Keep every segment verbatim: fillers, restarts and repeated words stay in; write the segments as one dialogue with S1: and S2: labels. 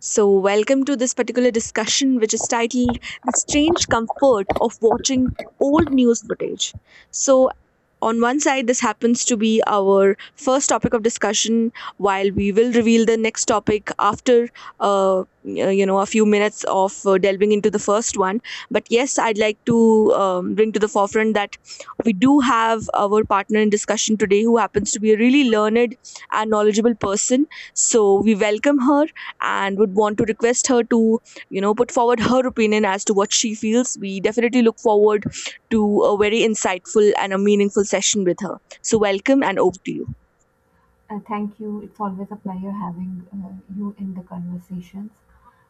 S1: So, welcome to this particular discussion, which is titled The Strange Comfort of Watching Old News Footage. So, on one side, this happens to be our first topic of discussion, while we will reveal the next topic after, uh, you know, a few minutes of uh, delving into the first one. But yes, I'd like to um, bring to the forefront that we do have our partner in discussion today who happens to be a really learned and knowledgeable person. So we welcome her and would want to request her to, you know, put forward her opinion as to what she feels. We definitely look forward to a very insightful and a meaningful session with her. So, welcome and over to you.
S2: Uh, thank you. It's always a pleasure having uh, you in the conversations.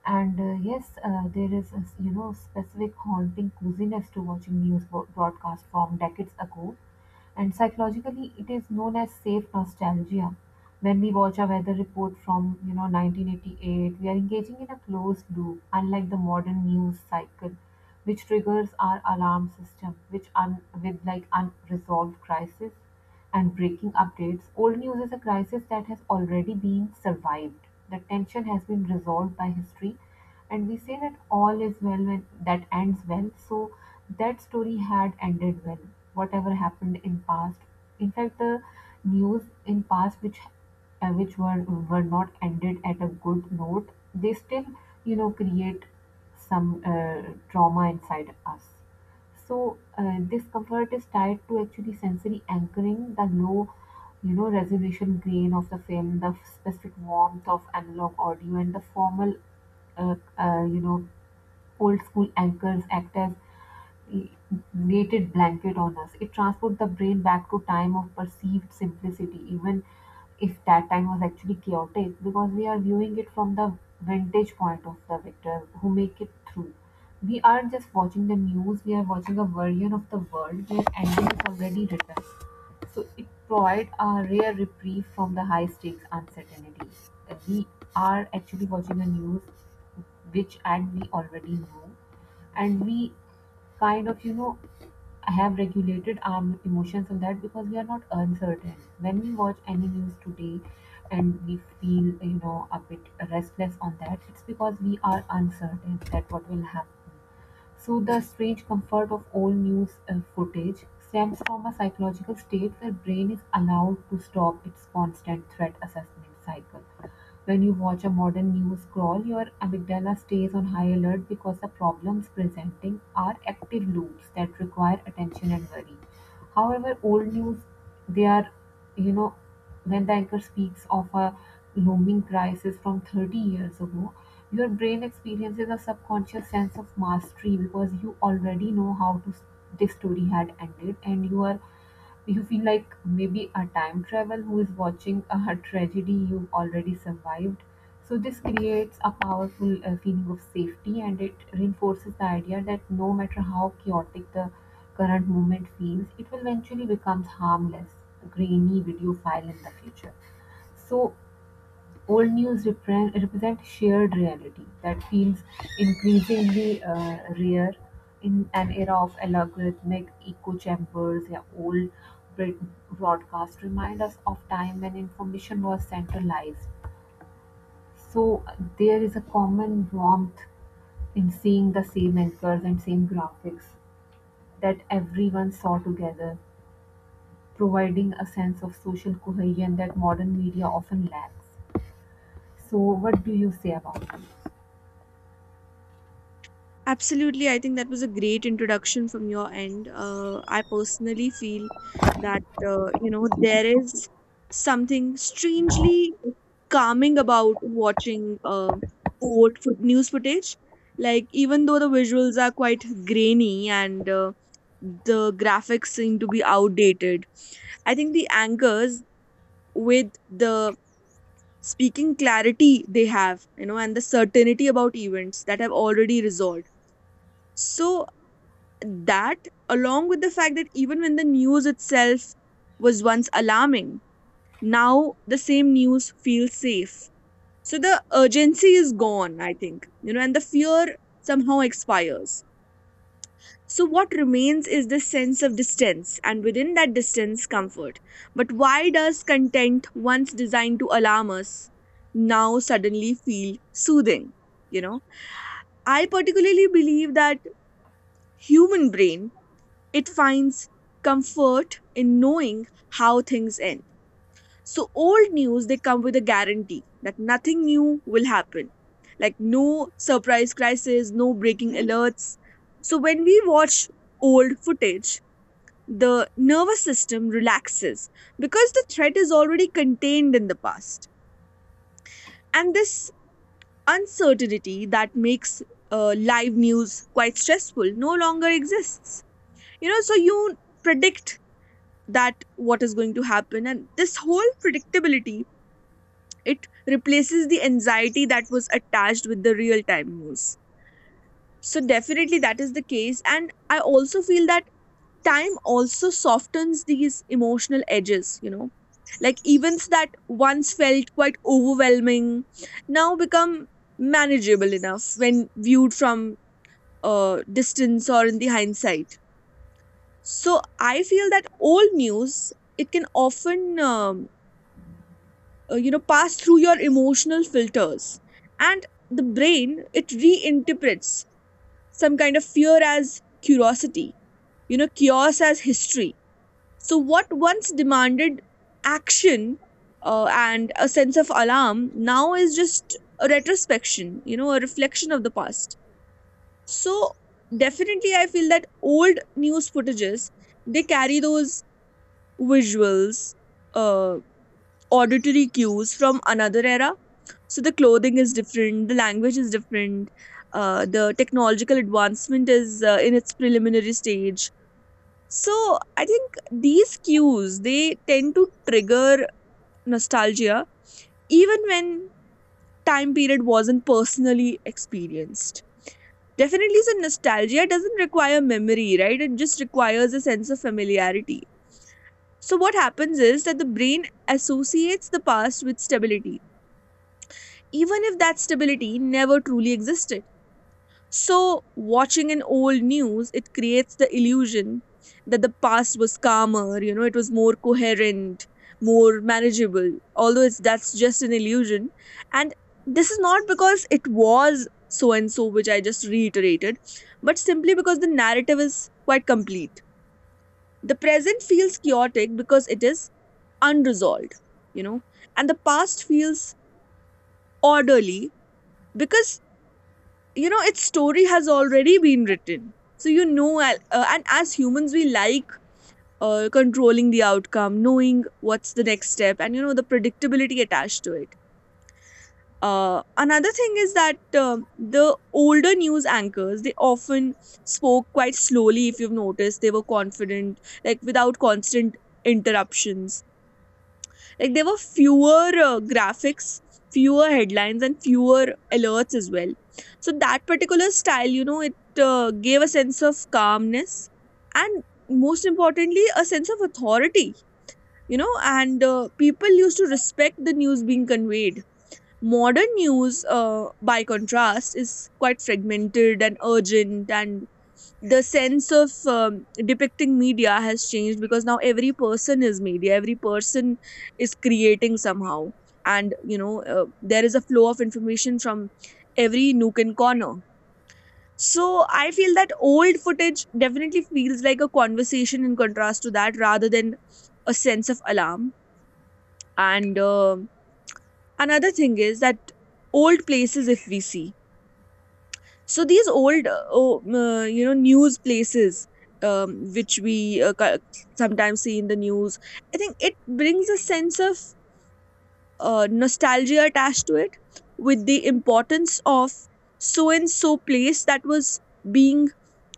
S2: And uh, yes, uh, there is a s- you know specific haunting coziness to watching news bro- broadcast from decades ago, and psychologically it is known as safe nostalgia. When we watch a weather report from you know nineteen eighty-eight, we are engaging in a closed loop, unlike the modern news cycle, which triggers our alarm system, which un- with like unresolved crisis and breaking updates. Old news is a crisis that has already been survived. The tension has been resolved by history, and we say that all is well when that ends well. So that story had ended well. Whatever happened in past, in fact, the news in past which uh, which were were not ended at a good note, they still you know create some uh, trauma inside us. So uh, discomfort is tied to actually sensory anchoring, the low, you know, resolution grain of the film, the specific warmth of analog audio, and the formal, uh, uh, you know, old school anchors act as knitted blanket on us. It transports the brain back to time of perceived simplicity, even if that time was actually chaotic, because we are viewing it from the vantage point of the victor who make it through. We aren't just watching the news, we are watching a version of the world where ending is already written. So it provides a rare reprieve from the high stakes uncertainty. Uh, We are actually watching the news which and we already know, and we kind of you know have regulated our emotions on that because we are not uncertain when we watch any news today, and we feel you know a bit restless on that. It's because we are uncertain that what will happen. So the strange comfort of old news uh, footage stems from a psychological state where brain is allowed to stop its constant threat assessment cycle. When you watch a modern news crawl, your amygdala stays on high alert because the problems presenting are active loops that require attention and worry. However, old news they are, you know, when the anchor speaks of a looming crisis from thirty years ago, your brain experiences a subconscious sense of mastery because you already know how to, this story had ended and you are you feel like maybe a time travel who is watching a tragedy you've already survived. So, this creates a powerful uh, feeling of safety, and it reinforces the idea that no matter how chaotic the current moment feels, it will eventually become harmless, grainy video file in the future. So, old news repre- represent shared reality that feels increasingly uh, rare in an era of algorithmic echo chambers. Yeah, old Brit broadcasts remind us of time when information was centralized. So uh, there is a common warmth in seeing the same anchors and same graphics that everyone saw together, providing a sense of social cohesion that modern media often lacks. So, what do you say about it?
S1: Absolutely, I think that was a great introduction from your end. Uh, I personally feel that uh, you know there is something strangely calming about watching um old foot news footage. Like even though the visuals are quite grainy and uh, the graphics seem to be outdated, I think the anchors with the speaking clarity they have, you know, and the certainty about events that have already resolved. So that along with the fact that even when the news itself was once alarming, now the same news feels safe, so the urgency is gone, I think, you know, and the fear somehow expires. So what remains is this sense of distance, and within that distance, comfort. But why does content once designed to alarm us now suddenly feel soothing, you know? I particularly believe that human brain It finds comfort in knowing how things end. So, old news, they come with a guarantee that nothing new will happen, like no surprise crisis, no breaking alerts. So, when we watch old footage, the nervous system relaxes because the threat is already contained in the past. And this uncertainty that makes uh, live news quite stressful no longer exists. You know, so you predict that what is going to happen, and this whole predictability, it replaces the anxiety that was attached with the real time news. So definitely that is the case, and I also feel that time also softens these emotional edges, you know, like events that once felt quite overwhelming now become manageable enough when viewed from uh, distance or in the hindsight. So I feel that old news, it can often um, uh, you know, pass through your emotional filters, and the brain, it reinterprets some kind of fear as curiosity, you know, chaos as history. So what once demanded action uh, and a sense of alarm now is just a retrospection, you know, a reflection of the past. So definitely I feel that old news footages, they carry those visuals, uh, auditory cues from another era. So the clothing is different, the language is different, uh, the technological advancement is uh, in its preliminary stage. So I think these cues, they tend to trigger nostalgia even when time period wasn't personally experienced. Definitely, so nostalgia doesn't require memory, right? It just requires a sense of familiarity. So, what happens is that the brain associates the past with stability even if that stability never truly existed. So, watching an old news, it creates the illusion that the past was calmer, you know, it was more coherent, more manageable, although it's, that's just an illusion. And this is not because it was so and so, which I just reiterated, but simply because the narrative is quite complete. The present feels chaotic because it is unresolved, you know, and the past feels orderly because, you know, its story has already been written. So you know, al- uh, and as humans we like uh, controlling the outcome, knowing what's the next step and, you know, the predictability attached to it. Uh, another thing is that, um, the older news anchors, they often spoke quite slowly, if you've noticed. They were confident, like without constant interruptions. Like there were fewer uh, graphics, fewer headlines, and fewer alerts as well. So that particular style, you know, it uh, gave a sense of calmness and, most importantly, a sense of authority, you know, and uh, people used to respect the news being conveyed. Modern news, uh, by contrast, is quite fragmented and urgent, and the sense of um, depicting media has changed because now every person is media, every person is creating somehow. And you know, uh, there is a flow of information from every nook and corner. So I feel that old footage definitely feels like a conversation in contrast to that, rather than a sense of alarm. And um another thing is that old places, if we see. So these old, uh, oh, uh, you know, news places, um, which we uh, ca- sometimes see in the news, I think it brings a sense of uh, nostalgia attached to it, with the importance of so and so place that was being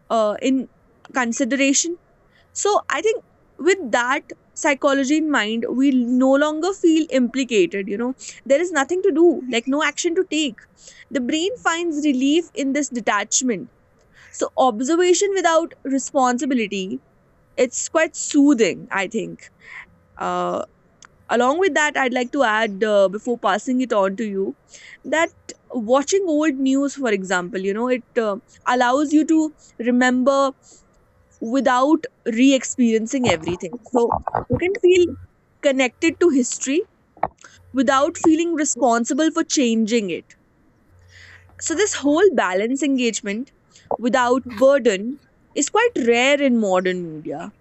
S1: uh, in consideration. So I think with that psychology in mind, we no longer feel implicated. You know, there is nothing to do, like no action to take. The brain finds relief in this detachment, so observation without responsibility, it's quite soothing, I think. Uh, Along with that, I'd like to add, uh, before passing it on to you, that watching old news, for example, you know, it uh, allows you to remember without re-experiencing everything. So you can feel connected to history without feeling responsible for changing it. So this whole balance, engagement without burden, is quite rare in modern media.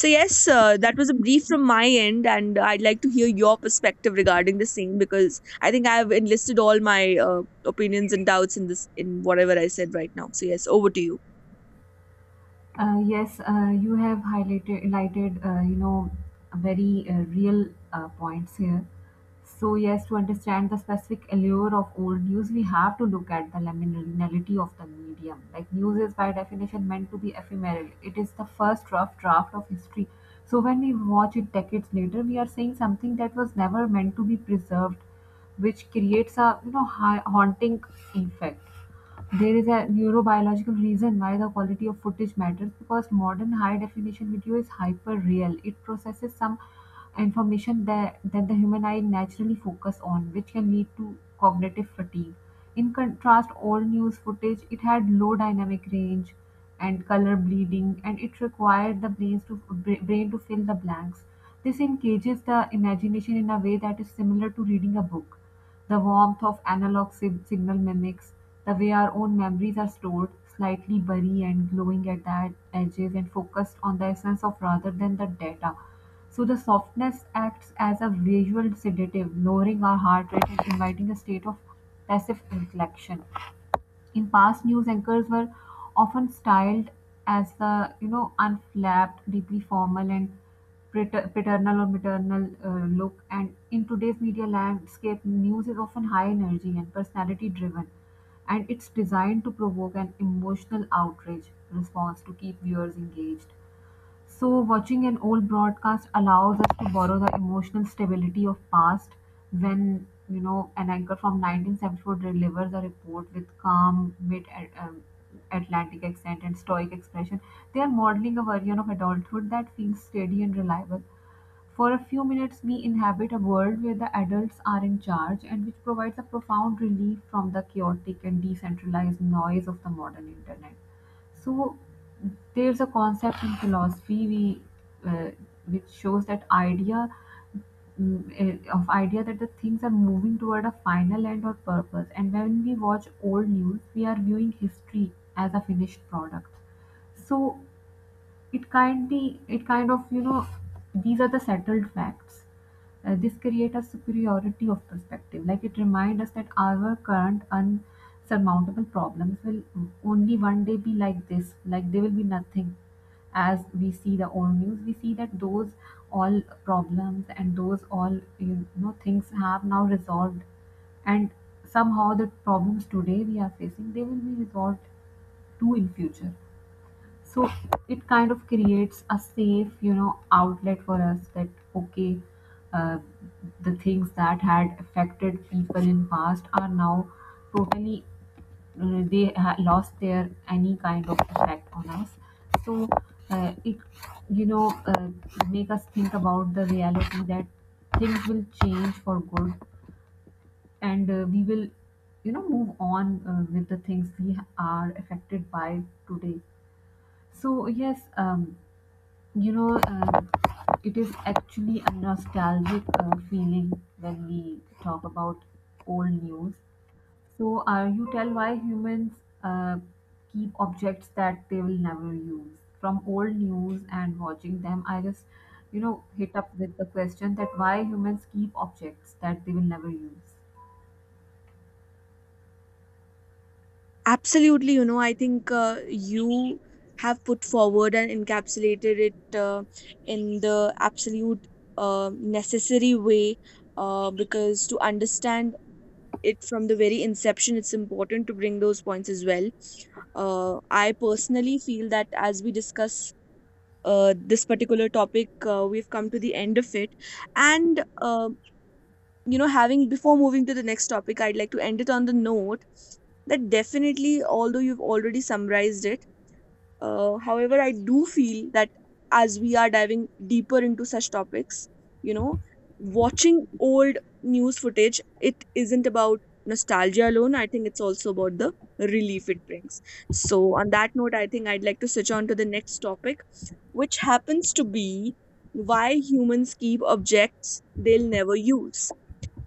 S1: So, yes, uh, that was a brief from my end, and I'd like to hear your perspective regarding the same because I think I've enlisted all my uh, opinions and doubts in this, in whatever I said right now. So, yes, over to you.
S2: Uh, yes, uh, you have highlighted, highlighted uh, you know, very uh, real uh, points here. So yes, to understand the specific allure of old news, we have to look at the liminality of the medium. Like news is by definition meant to be ephemeral. It is the first rough draft of history. So when we watch it decades later, we are seeing something that was never meant to be preserved, which creates a you know ha- haunting effect. There is a neurobiological reason why the quality of footage matters because modern high-definition video is hyper-real. It processes some information that, that the human eye naturally focus on, which can lead to cognitive fatigue. In contrast, old news footage, it had low dynamic range and color bleeding, and it required the brains to, bra- brain to fill the blanks. This engages the imagination in a way that is similar to reading a book. The warmth of analog sig- signal mimics the way our own memories are stored, slightly burry and glowing at the edges and focused on the essence of rather than the data. So the softness acts as a visual sedative, lowering our heart rate and inviting a state of passive reflection. In past, news anchors were often styled as the, you know, unflapped, deeply formal and pater- paternal or maternal uh, look. And in today's media landscape, news is often high energy and personality driven, and it's designed to provoke an emotional outrage response to keep viewers engaged. So watching an old broadcast allows us to borrow the emotional stability of past when you know an anchor from nineteen seventy-four delivers a report with calm mid um, Atlantic accent and stoic expression. They are modeling a version of adulthood that feels steady and reliable. For a few minutes we inhabit a world where the adults are in charge and which provides a profound relief from the chaotic and decentralized noise of the modern internet. So there's a concept in philosophy we uh, which shows that idea mm, eh, of idea that the things are moving toward a final end or purpose, and when we watch old news we are viewing history as a finished product. So it kind be, it kind of you know these are the settled facts. Uh, this create a superiority of perspective, like it reminds us that our current unsurmountable problems will only one day be like this, like they will be nothing. As we see the old news we see that those all problems and those all you know things have now resolved, and somehow the problems today we are facing they will be resolved too in future. So it kind of creates a safe, you know, outlet for us that okay, uh, the things that had affected people in past are now totally uh, they ha- lost their any kind of effect on us. So uh, it you know uh, make us think about the reality that things will change for good, and uh, we will you know move on uh, with the things we are affected by today. So yes. Um, you know, uh, it is actually a nostalgic uh, feeling when we talk about old news. So, uh, you tell why humans uh, keep objects that they will never use. From old news and watching them, I just, you know, hit up with the question that why humans keep objects that they will never use.
S1: Absolutely, you know, I think uh, you have put forward and encapsulated it uh, in the absolute uh, necessary way, uh, because to understand it from the very inception it's important to bring those points as well. uh, I personally feel that as we discuss uh, this particular topic, uh, we've come to the end of it. And uh, you know, having, before moving to the next topic, I'd like to end it on the note that, definitely, although you've already summarized it, uh, however, I do feel that as we are diving deeper into such topics, you know, watching old news footage, it isn't about nostalgia alone. I think it's also about the relief it brings. So, on that note, I think I'd like to switch on to the next topic, which happens to be why humans keep objects they'll never use.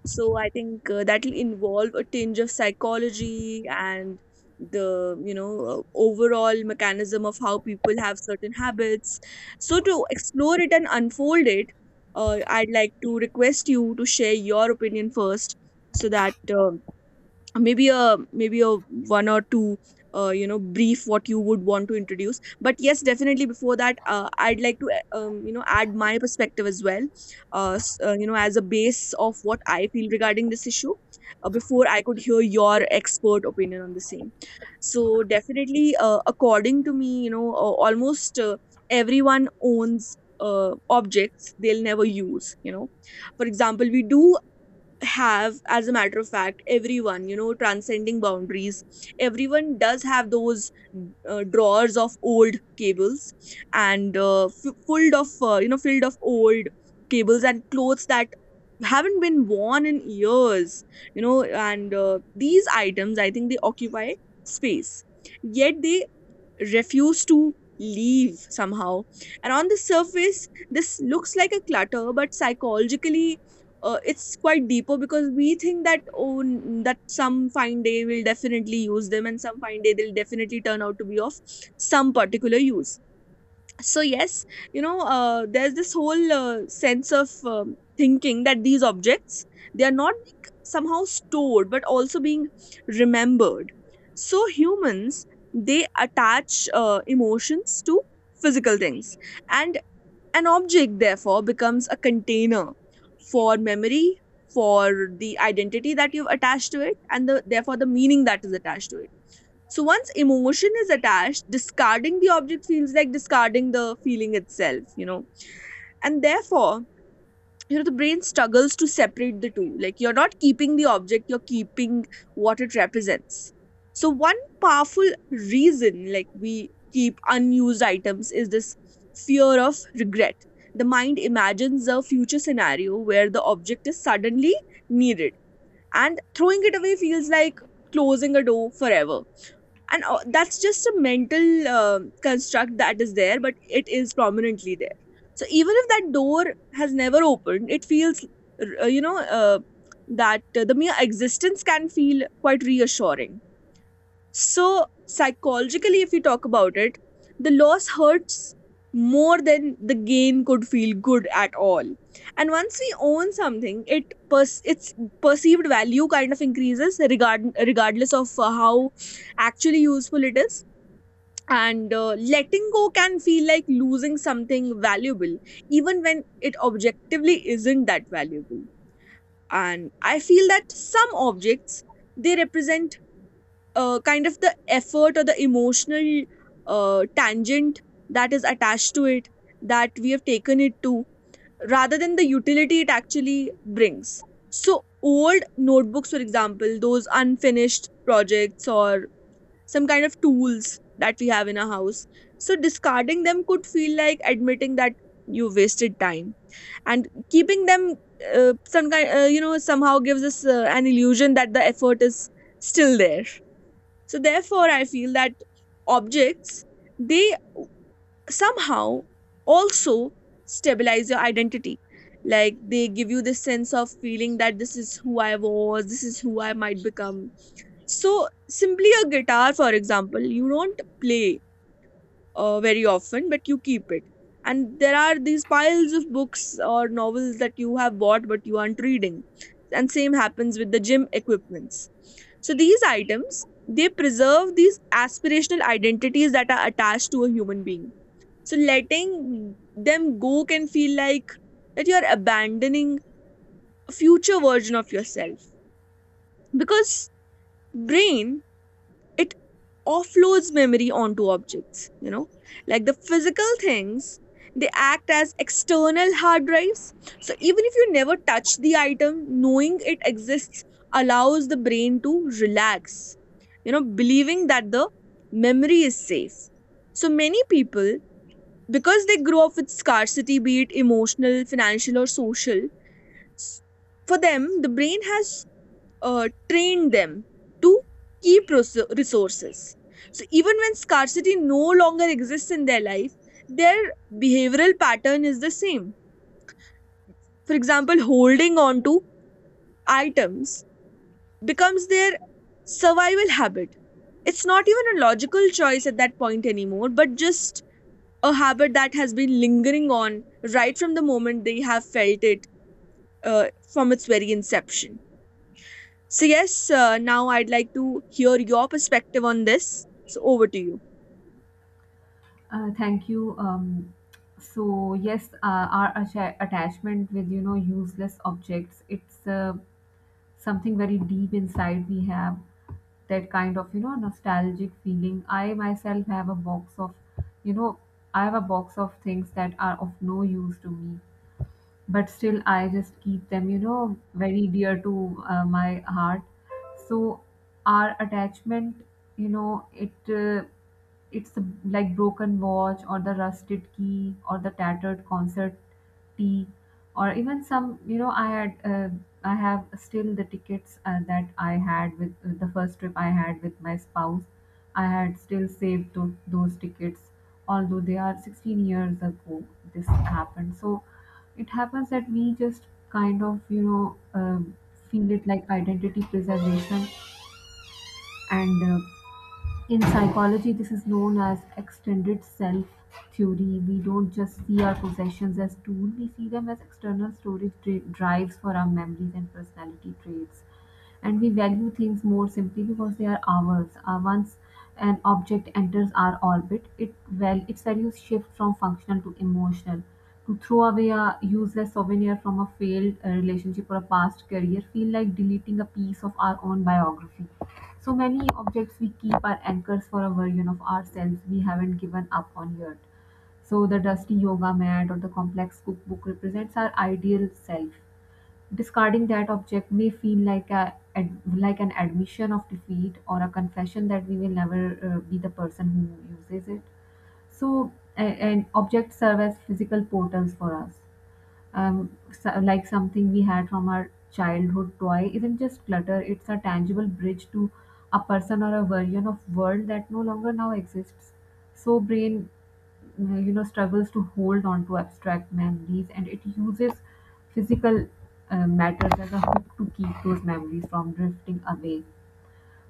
S1: So I think uh, that will involve a tinge of psychology and the, you know, uh, overall mechanism of how people have certain habits. So to explore it and unfold it, uh, I'd like to request you to share your opinion first, so that uh, maybe a maybe a one or two uh, you know, brief what you would want to introduce. But yes, definitely before that, uh, I'd like to uh, um, you know, add my perspective as well, uh, s- uh, you know, as a base of what I feel regarding this issue uh, before I could hear your expert opinion on the same. So definitely, uh, according to me, you know, uh, almost uh, everyone owns uh, objects they'll never use, you know. For example, we do have, as a matter of fact, everyone, you know, transcending boundaries, everyone does have those uh, drawers of old cables and uh, f- filled of uh, you know, filled of old cables and clothes that haven't been worn in years, you know. And uh, these items, I think they occupy space, yet they refuse to leave somehow. And on the surface, this looks like a clutter, but psychologically, uh, it's quite deeper because we think that oh n- that some fine day will definitely use them and some fine day they'll definitely turn out to be of some particular use. So yes, you know, uh, there's this whole uh, sense of, um, thinking that these objects, they are not like somehow stored but also being remembered. So humans, they attach uh, emotions to physical things, and an object therefore becomes a container for memory, for the identity that you've attached to it, and the, therefore the meaning that is attached to it. So once emotion is attached, discarding the object feels like discarding the feeling itself, you know. And therefore, you know, the brain struggles to separate the two. Like, you're not keeping the object, you're keeping what it represents. So one powerful reason like we keep unused items is this fear of regret. The mind imagines a future scenario where the object is suddenly needed, and throwing it away feels like closing a door forever. And uh, that's just a mental um construct that is there, but it is prominently there. So even if that door has never opened, it feels, r- uh, you know, uh, that uh, the mere existence can feel quite reassuring. So, psychologically, if you talk about it, the loss hurts more than the gain could feel good at all. And once we own something, it pers- its perceived value kind of increases, regard- regardless of uh, how actually useful it is. And uh, letting go can feel like losing something valuable, even when it objectively isn't that valuable. And I feel that some objects they represent uh, kind of the effort or the emotional uh, tangent that is attached to it that we have taken it to rather than the utility it actually brings. So old notebooks, for example, those unfinished projects or some kind of tools that we have in our house, so discarding them could feel like admitting that you wasted time, and keeping them uh, some kind uh, you know somehow gives us uh, an illusion that the effort is still there. So therefore, I feel that objects they somehow also stabilize your identity. Like they give you this sense of feeling that this is who I was, this is who I might become. So simply a guitar, for example, you don't play uh, very often, but you keep it. And there are these piles of books or novels that you have bought but you aren't reading. And same happens with the gym equipments. So these items, they preserve these aspirational identities that are attached to a human being. So letting them go can feel like that you're abandoning a future version of yourself, because brain it offloads memory onto objects, you know, like the physical things, they act as external hard drives. So even if you never touch the item, knowing it exists allows the brain to relax, you know, believing that the memory is safe. So many people, because they grow up with scarcity, be it emotional, financial, or social, s- for them, the brain has uh, train them to keep res- resources. So even when scarcity no longer exists in their life, their behavioral pattern is the same. For example, holding on to items becomes their survival habit. It's not even a logical choice at that point anymore, but just a habit that has been lingering on right from the moment they have felt it, uh, from its very inception. So, yes, uh, now I'd like to hear your perspective on this. So, over to you.
S2: Uh, thank you. Um, so yes, uh, our atta- attachment with you know useless objects. It's uh, something very deep inside we have that kind of you know nostalgic feeling. I myself have a box of you know i have a box of things that are of no use to me, but still I just keep them, you know, very dear to uh, my heart. So our attachment, you know, it uh, it's the, like broken watch or the rusted key or the tattered concert tea, or even some, you know, I had uh, I have still the tickets uh, that I had with uh, the first trip I had with my spouse. I had still saved tho- those tickets, although they are sixteen years ago. This happened, so it happens that we just kind of you know um, feel it like identity preservation, and uh, in psychology this is known as extended self theory. We don't just see our possessions as tool, we see them as external storage dri- drives for our memories and personality traits, and we value things more simply because they are ours. Uh, once an object enters our orbit, it well its values shift from functional to emotional. To throw away a useless souvenir from a failed uh, relationship or a past career feel like deleting a piece of our own biography. So many objects we keep are anchors for a version of ourselves we haven't given up on yet. So the dusty yoga mat or the complex cookbook represents our ideal self. Discarding that object may feel like a ad- like an admission of defeat or a confession that we will never uh, be the person who uses it. So, a- and objects serve as physical portals for us. Um, so, like something we had from our childhood toy isn't just clutter, it's a tangible bridge to a person or a version of world that no longer now exists. So brain, mm, you know struggles to hold on to abstract memories, and it uses physical uh, matters as a hook to keep those memories from drifting away.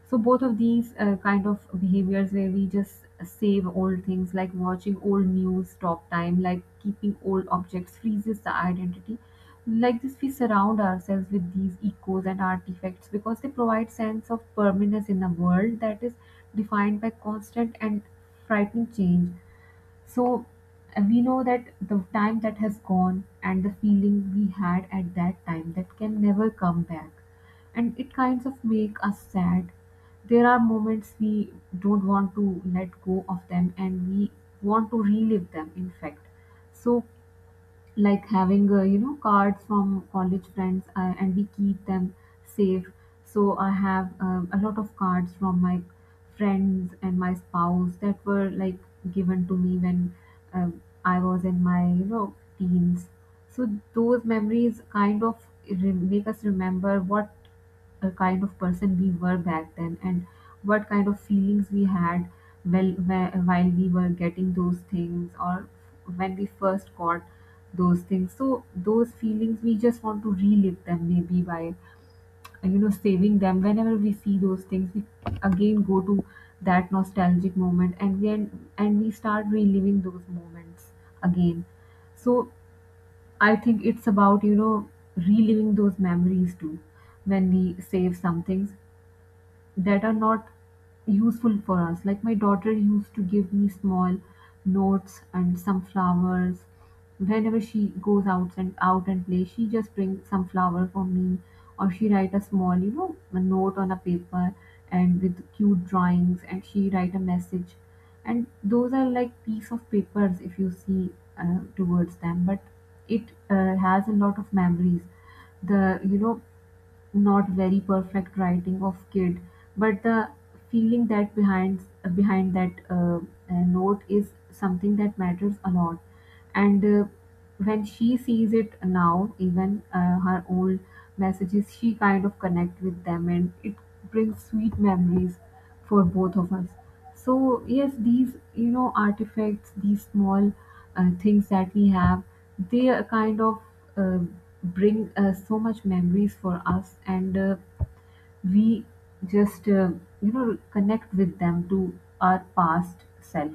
S2: So both of these uh, kind of behaviors where we just save old things, like watching old news, stop time, like keeping old objects freezes the identity. Like this, we surround ourselves with these echoes and artifacts because they provide sense of permanence in a world that is defined by constant and frightening change. So uh, we know that the time that has gone and the feeling we had at that time that can never come back. And it kinds of make us sad. There are moments we don't want to let go of them, and we want to relive them in fact. So like having uh, you know cards from college friends, uh, and we keep them safe. So I have um, a lot of cards from my friends and my spouse that were like given to me when um, I was in my you know teens. So those memories kind of re- make us remember what the kind of person we were back then and what kind of feelings we had well whe- while we were getting those things, or when we first got those things. So those feelings we just want to relive them, maybe by uh, you know saving them. Whenever we see those things, we again go to that nostalgic moment, and then and we start reliving those moments again. So I think it's about, you know, reliving those memories too. When we save some things that are not useful for us. Like my daughter used to give me small notes and some flowers. Whenever she goes out and out and plays, she just brings some flower for me, or she write a small, you know, a note on a paper and with cute drawings, and she write a message. And those are like piece of papers if you see uh, towards them, but it uh, has a lot of memories. The you know not very perfect writing of kid, but the feeling that behind behind that uh, uh, note is something that matters a lot. And uh, when she sees it now, even uh, her old messages, she kind of connect with them, and it brings sweet memories for both of us. So yes, these you know artifacts, these small uh, things that we have, they are kind of uh, bring uh, so much memories for us. And uh, we just uh, you know connect with them to our past self.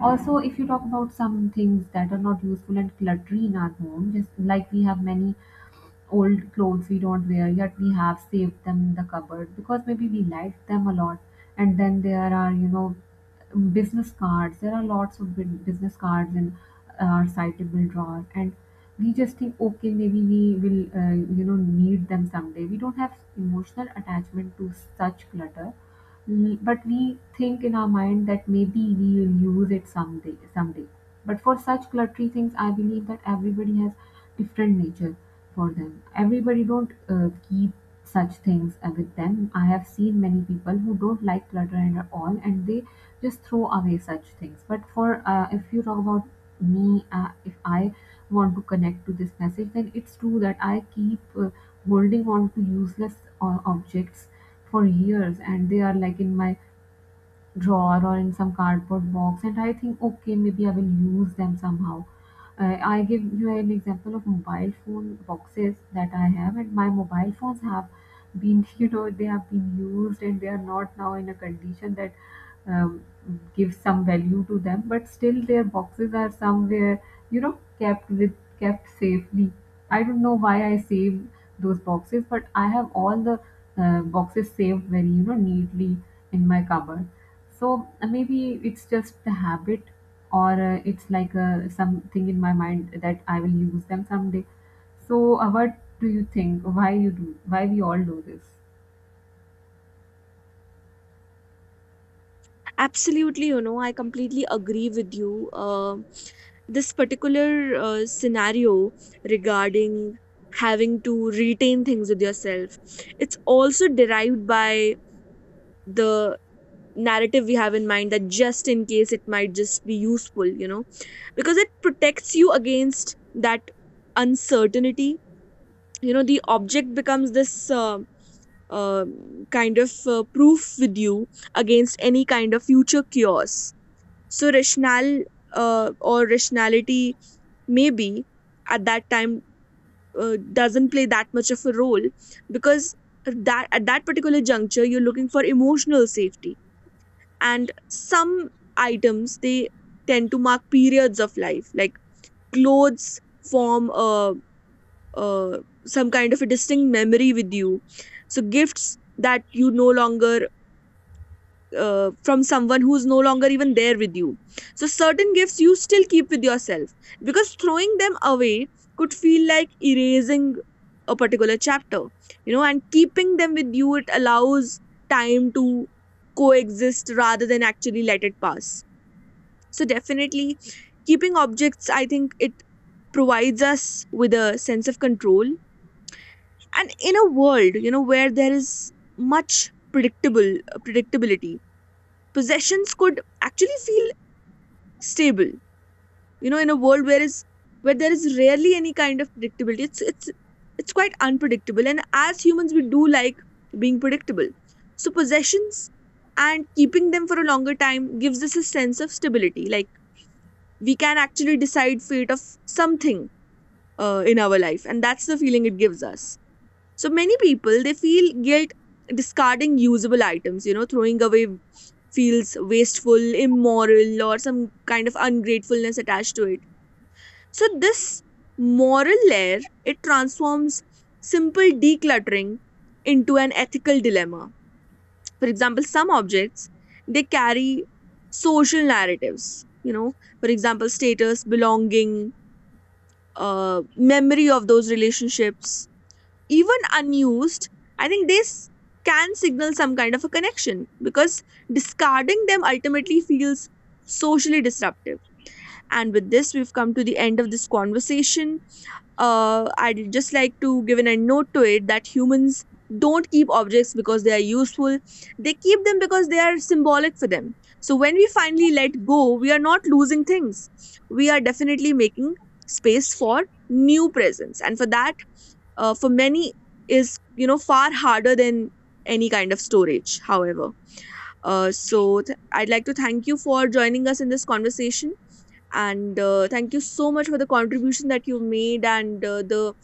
S2: Also, if you talk about some things that are not useful and cluttery in our home, just like we have many old clothes we don't wear, yet we have saved them in the cupboard because maybe we liked them a lot. And then there are, you know business cards. There are lots of bu- business cards in our citable drawer, and we just think, okay, maybe we will, uh, you know need them someday. We don't have emotional attachment to such clutter, l- but we think in our mind that maybe we will use it someday someday. But for such cluttery things, I believe that everybody has different nature. For them, everybody don't uh, keep such things uh, with them. I have seen many people who don't like clutter and all, and they just throw away such things. But for uh, if you talk about me, uh, if I want to connect to this message, then it's true that I keep uh, holding on to useless uh, objects for years, and they are like in my drawer or in some cardboard box, and I think, okay, maybe I will use them somehow. uh, I give you an example of mobile phone boxes that I have, and my mobile phones have been you know they have been used, and they are not now in a condition that uh, give some value to them. But still their boxes are somewhere, you know kept with kept safely. I don't know why I save those boxes, but I have all the uh, boxes saved very you know neatly in my cupboard. So uh, maybe it's just the habit, or uh, it's like uh, something in my mind that I will use them someday. So uh, what do you think, why you do, why we all do this
S1: Absolutely, you know, I completely agree with you. Um this particular uh, scenario regarding having to retain things with yourself, it's also derived by the narrative we have in mind that just in case it might just be useful, you know, because it protects you against that uncertainty. You know, the object becomes this. Um, uh, Kind of uh, proof with you against any kind of future chaos. So rational uh, or rationality maybe at that time uh, doesn't play that much of a role, because that at that particular juncture you're looking for emotional safety. And some items they tend to mark periods of life, like clothes form a, a some kind of a distinct memory with you. So gifts that you no longer uh, from someone who's no longer even there with you. So, certain gifts you still keep with yourself, because throwing them away could feel like erasing a particular chapter, you know, and keeping them with you, it allows time to coexist rather than actually let it pass. So, definitely, keeping objects, I think it provides us with a sense of control, and in a world you know where there is much predictable predictability, possessions could actually feel stable. You know, in a world where is where there is rarely any kind of predictability, it's it's it's quite unpredictable, and as humans we do like being predictable. So possessions and keeping them for a longer time gives us a sense of stability, like we can actually decide fate of something uh, in our life, and that's the feeling it gives us. So many people they feel guilt discarding usable items, you know, throwing away feels wasteful, immoral, or some kind of ungratefulness attached to it. So this moral layer it transforms simple decluttering into an ethical dilemma. For example, some objects they carry social narratives, you know, for example, status, belonging, uh, memory of those relationships, even unused, I think this can signal some kind of a connection, because discarding them ultimately feels socially disruptive. And with this, we've come to the end of this conversation. Uh, I'd just like to give an end note to it that humans don't keep objects because they are useful, they keep them because they are symbolic for them. So when we finally let go, we are not losing things, we are definitely making space for new presence. And for that, uh, for many is you know far harder than any kind of storage. However, uh, so th- I'd like to thank you for joining us in this conversation, and uh, thank you so much for the contribution that you made, and uh, the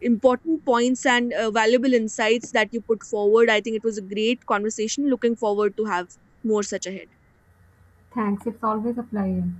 S1: important points and uh, valuable insights that you put forward. I think it was a great conversation. Looking forward to have more such ahead.
S2: Thanks, it's always a pleasure.